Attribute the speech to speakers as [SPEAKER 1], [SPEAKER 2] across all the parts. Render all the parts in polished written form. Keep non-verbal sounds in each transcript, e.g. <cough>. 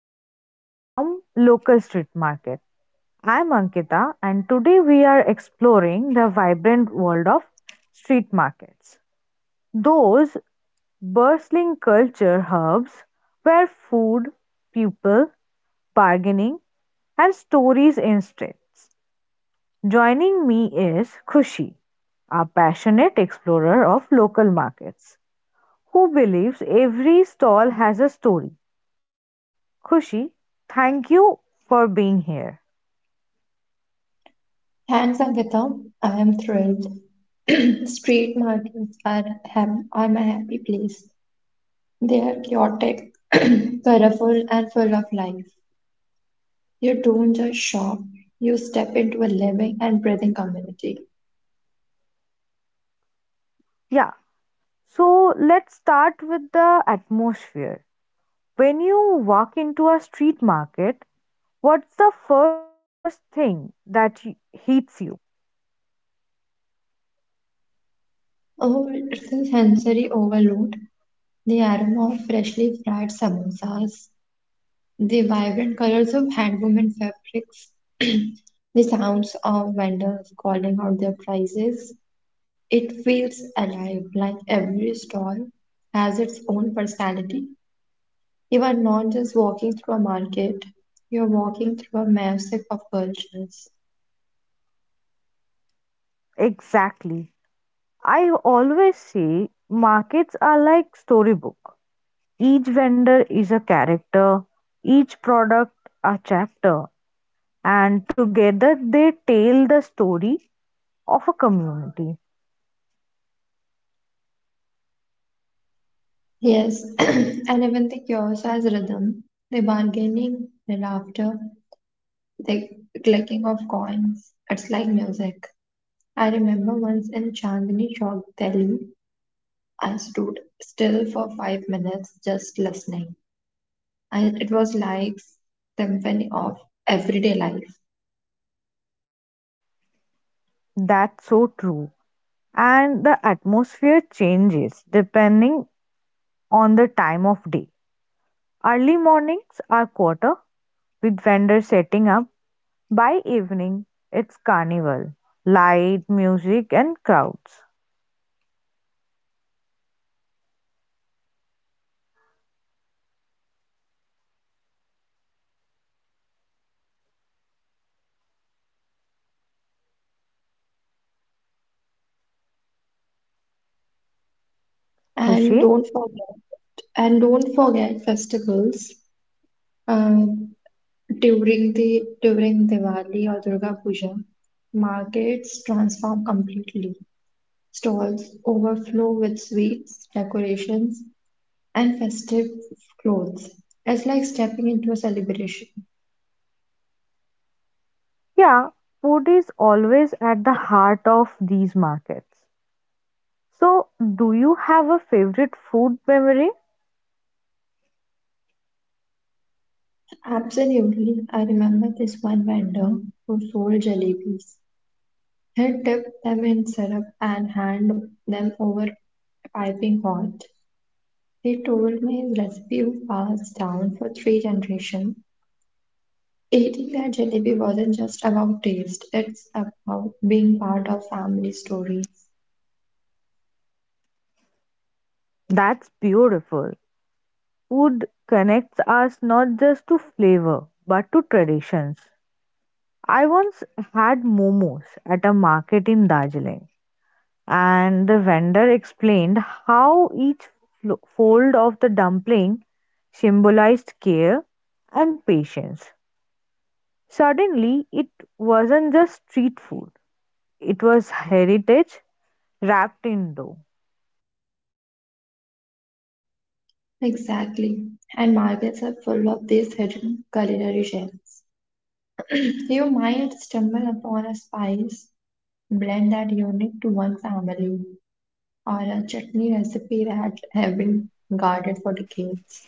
[SPEAKER 1] Stories from Local Street Market. I'm Ankita and today we are exploring the vibrant world of street markets. Those bustling culture hubs where food, people, bargaining and stories intersect. Joining me is Khushi, a passionate explorer of local markets who believes every stall has a story. Khushi, thank you for being here.
[SPEAKER 2] Thanks, up I am thrilled. <clears throat> Street markets are, are my happy place. They are chaotic, <clears throat> colorful, and full of life. You don't just shop, you step into a living and breathing community.
[SPEAKER 1] Yeah, so let's start with the atmosphere. When you walk into a street market, what's the first thing that y- hits you?
[SPEAKER 2] Oh, it's a sensory overload. The aroma of freshly fried samosas, the vibrant colors of handwoven fabrics, <clears throat> the sounds of vendors calling out their prices. It feels alive, like every stall has its own personality. You are not just walking through a market, you're walking through a mosaic of cultures.
[SPEAKER 1] Exactly. I always say markets are like storybook. Each vendor is a character, each product a chapter, and together they tell the story of a community.
[SPEAKER 2] Yes, <clears throat> and even the kiosk has rhythm, the bargaining, the laughter, the clicking of coins. It's like music. I remember once in Chandni Chowk, Delhi, I stood still for 5 minutes just listening. And it was like symphony of everyday life.
[SPEAKER 1] That's so true. And the atmosphere changes depending on the time of day. Early mornings are quarter with vendors setting up. By evening, it's carnival, light, music, and crowds.
[SPEAKER 2] and
[SPEAKER 1] Khushi?
[SPEAKER 2] don't forget and don't forget festivals. um, During the during Diwali or Durga Puja. Markets transform completely. Stalls overflow with sweets, decorations, and festive clothes. It's like stepping into a celebration.
[SPEAKER 1] Yeah, food is always at the heart of these markets. So, do you have a favorite food memory?
[SPEAKER 2] Absolutely, I remember this one vendor who sold jalebis. He dipped them in syrup and hand them over piping hot. They told me his recipe was passed down for three generations. Eating that jalebi wasn't just about taste, it's about being part of family stories.
[SPEAKER 1] That's beautiful. Food connects us not just to flavor but to traditions. I once had momos at a market in Darjeeling, and the vendor explained how each fold of the dumpling symbolized care and patience. Suddenly, it wasn't just street food, it was heritage wrapped in dough.
[SPEAKER 2] Exactly. And markets are full of these hidden culinary gems. You might stumble upon a spice blend that unique to one family, or a chutney recipe that have been guarded for decades.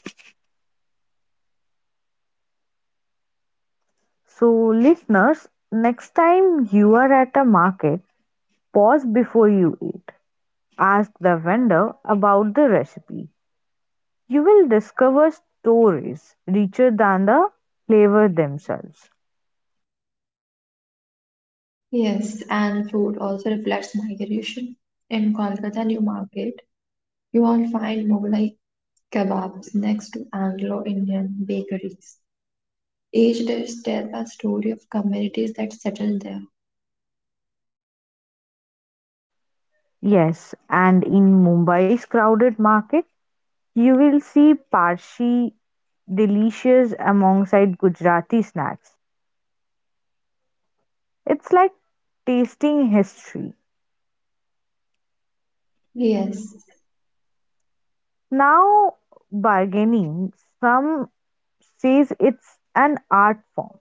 [SPEAKER 1] So, listeners, next time you are at a market, pause before you eat. Ask the vendor about the recipe. You will discover stories richer than the flavor themselves.
[SPEAKER 2] Yes, and food also reflects migration. In Kolkata New Market, you will find Mughlai kebabs next to Anglo-Indian bakeries. Each dish tells a story of communities that settled there.
[SPEAKER 1] Yes, and in Mumbai's crowded market, you will see Parsi delicious alongside Gujarati snacks. It's like tasting history.
[SPEAKER 2] Yes,
[SPEAKER 1] Now, bargaining, some says it's an art form.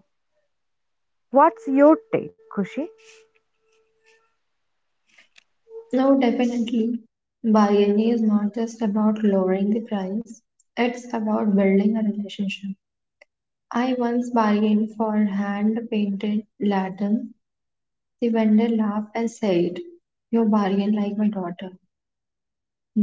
[SPEAKER 1] What's your take, Kushi?
[SPEAKER 2] no, definitely. Bargaining is not just about lowering the price, it's about building a relationship. I once bargained for hand-painted lanterns. The vendor laughed and said, "You bargain like my daughter."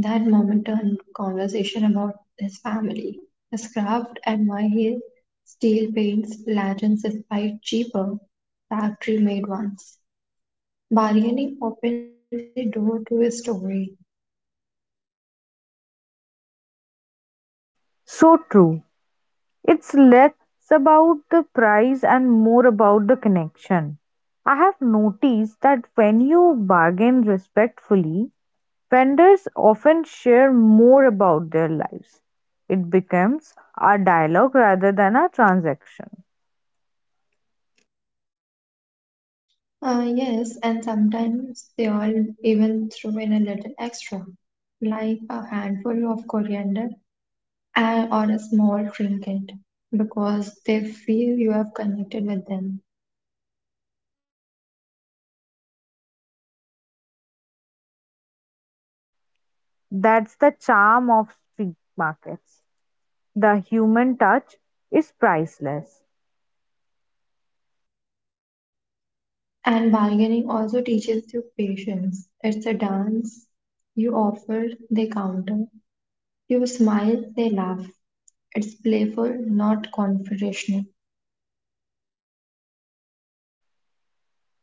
[SPEAKER 2] That moment turned conversation about his family, his craft, and why he still paints lanterns despite cheaper factory made ones. Bargaining opened the door to his story.
[SPEAKER 1] So true. It's less about the price and more about the connection. I have noticed that when you bargain respectfully, vendors often share more about their lives. It becomes a dialogue rather than a transaction.
[SPEAKER 2] Yes, and sometimes they all even threw in a little extra, like a handful of coriander and, or a small trinket, because they feel you have connected with them.
[SPEAKER 1] That's the charm of street markets. The human touch is priceless.
[SPEAKER 2] And bargaining also teaches you patience. It's a dance. You offer, they counter. You smile, they laugh. It's playful, not confrontational.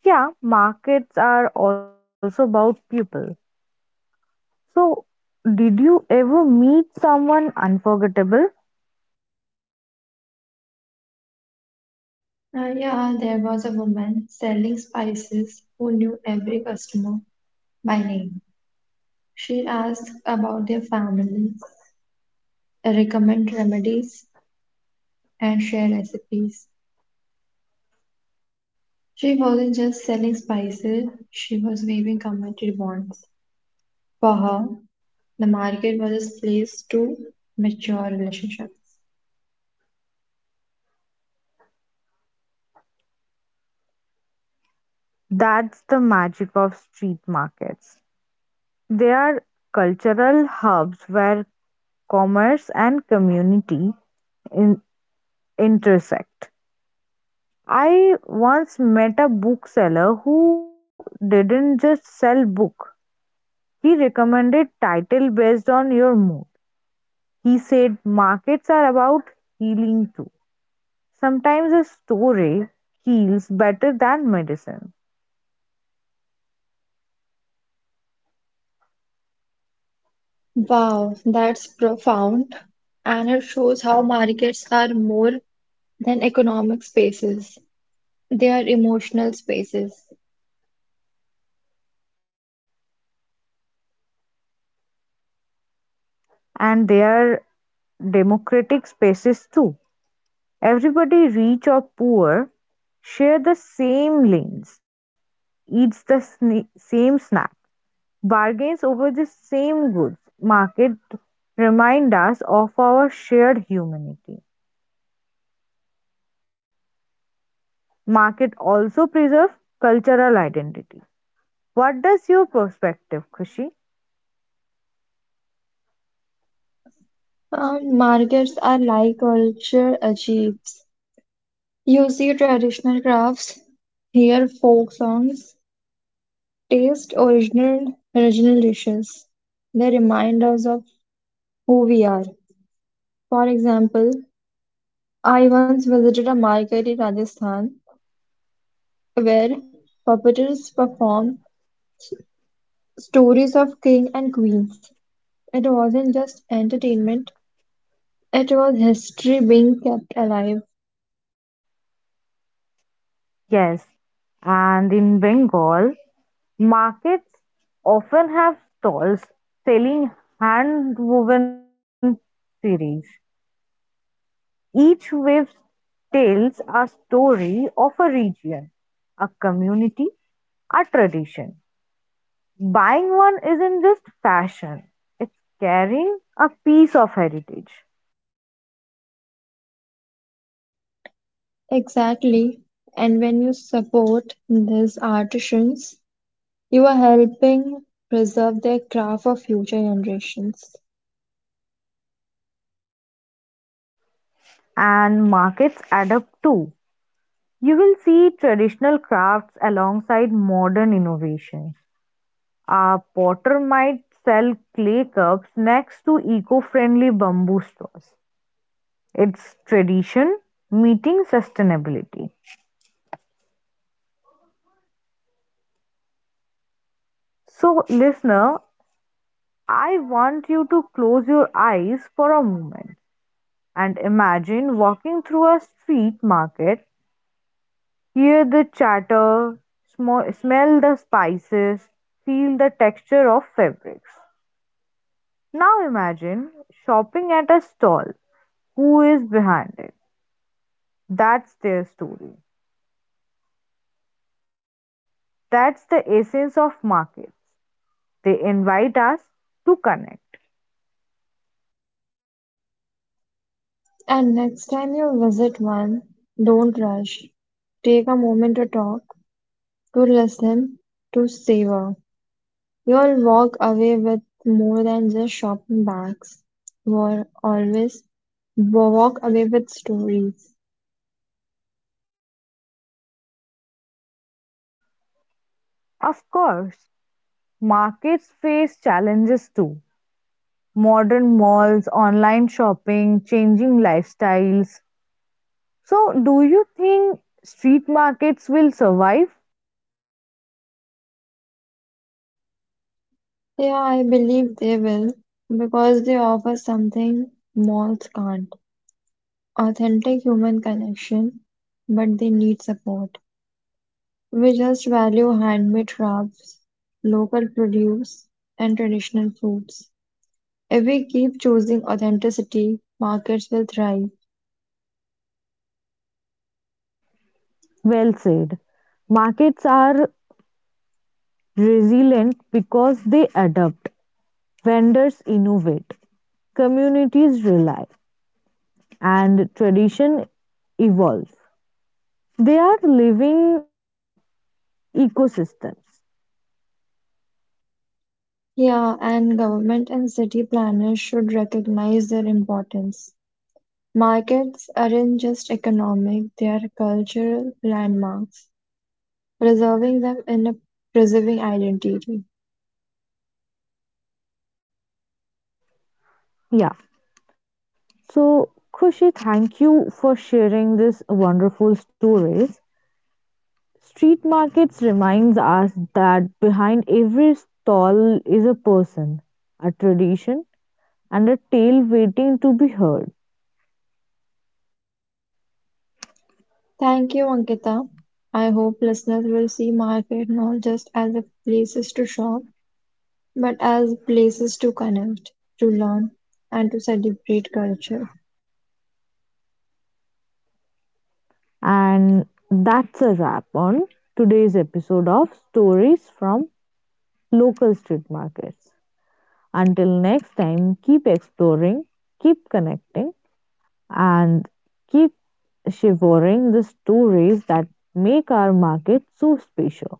[SPEAKER 1] Yeah, markets are also about people. So, did you ever meet someone unforgettable?
[SPEAKER 2] Yeah, there was a woman selling spices who knew every customer by name. She asked about their families, recommend remedies, and share recipes. She wasn't just selling spices, she was waving community bonds. For her, the market was a place to mature relationships.
[SPEAKER 1] That's the magic of street markets. They are cultural hubs where commerce and community in- intersect. I once met a bookseller who didn't just sell book. He recommended title based on your mood. He said markets are about healing too. Sometimes a story heals better than medicine.
[SPEAKER 2] Wow, that's profound. And it shows how markets are more than economic spaces, they are emotional spaces.
[SPEAKER 1] And they are democratic spaces too. Everybody rich or poor, share the same lanes, eats the same snack, bargains over the same goods. Market remind us of our shared humanity. Market also preserve cultural identity. What does your perspective, Khushi?
[SPEAKER 2] Markets are like culture achieves. You see traditional crafts, hear folk songs, taste original dishes. They remind us of who we are. For example, I once visited a market in Rajasthan where puppeteers performed stories of king and queens. It wasn't just entertainment, it was history being kept alive.
[SPEAKER 1] Yes, and in Bengal, markets often have stalls selling hand woven sarees. Each wave tells a story of a region, a community, a tradition. Buying one isn't just fashion, it's carrying a piece of heritage.
[SPEAKER 2] Exactly. And when you support these artisans, you are helping preserve their craft for future generations.
[SPEAKER 1] And markets adapt too. You will see traditional crafts alongside modern innovations. A potter might sell clay cups next to eco friendly bamboo straws. It's tradition meeting sustainability. So, listener, I want you to close your eyes for a moment and imagine walking through a street market, hear the chatter, smell the spices, feel the texture of fabrics. Now imagine shopping at a stall. Who is behind it? That's their story. That's the essence of markets. They invite us to connect.
[SPEAKER 2] And next time you visit one, don't rush. Take a moment to talk, to listen, to savor. You'll walk away with more than just shopping bags. You'll always walk away with stories.
[SPEAKER 1] Of course, markets face challenges too. Modern malls, online shopping, changing lifestyles. So, do you think street markets will survive?
[SPEAKER 2] Yeah, I believe they will because they offer something malls can't, authentic human connection, but they need support. We just value handmade crafts, local produce, and traditional foods. If we keep choosing authenticity, markets will thrive.
[SPEAKER 1] Well said. Markets are resilient because they adapt, vendors innovate, communities rely, and tradition evolve. They are living ecosystems.
[SPEAKER 2] Yeah, and government and city planners should recognize their importance. Markets aren't just economic, they are cultural landmarks, preserving them in a preserving identity.
[SPEAKER 1] Yeah. So, Khushi, thank you for sharing this wonderful stories. Street markets reminds us that behind every stall is a person, a tradition, and a tale waiting to be heard.
[SPEAKER 2] Thank you, Ankita. I hope listeners will see market not just as a places to shop, but as places to connect, to learn, and to celebrate culture.
[SPEAKER 1] And that's a wrap on today's episode of Stories from Local Street Markets. Until next time, keep exploring, keep connecting, and keep shivering the stories that make our market so special.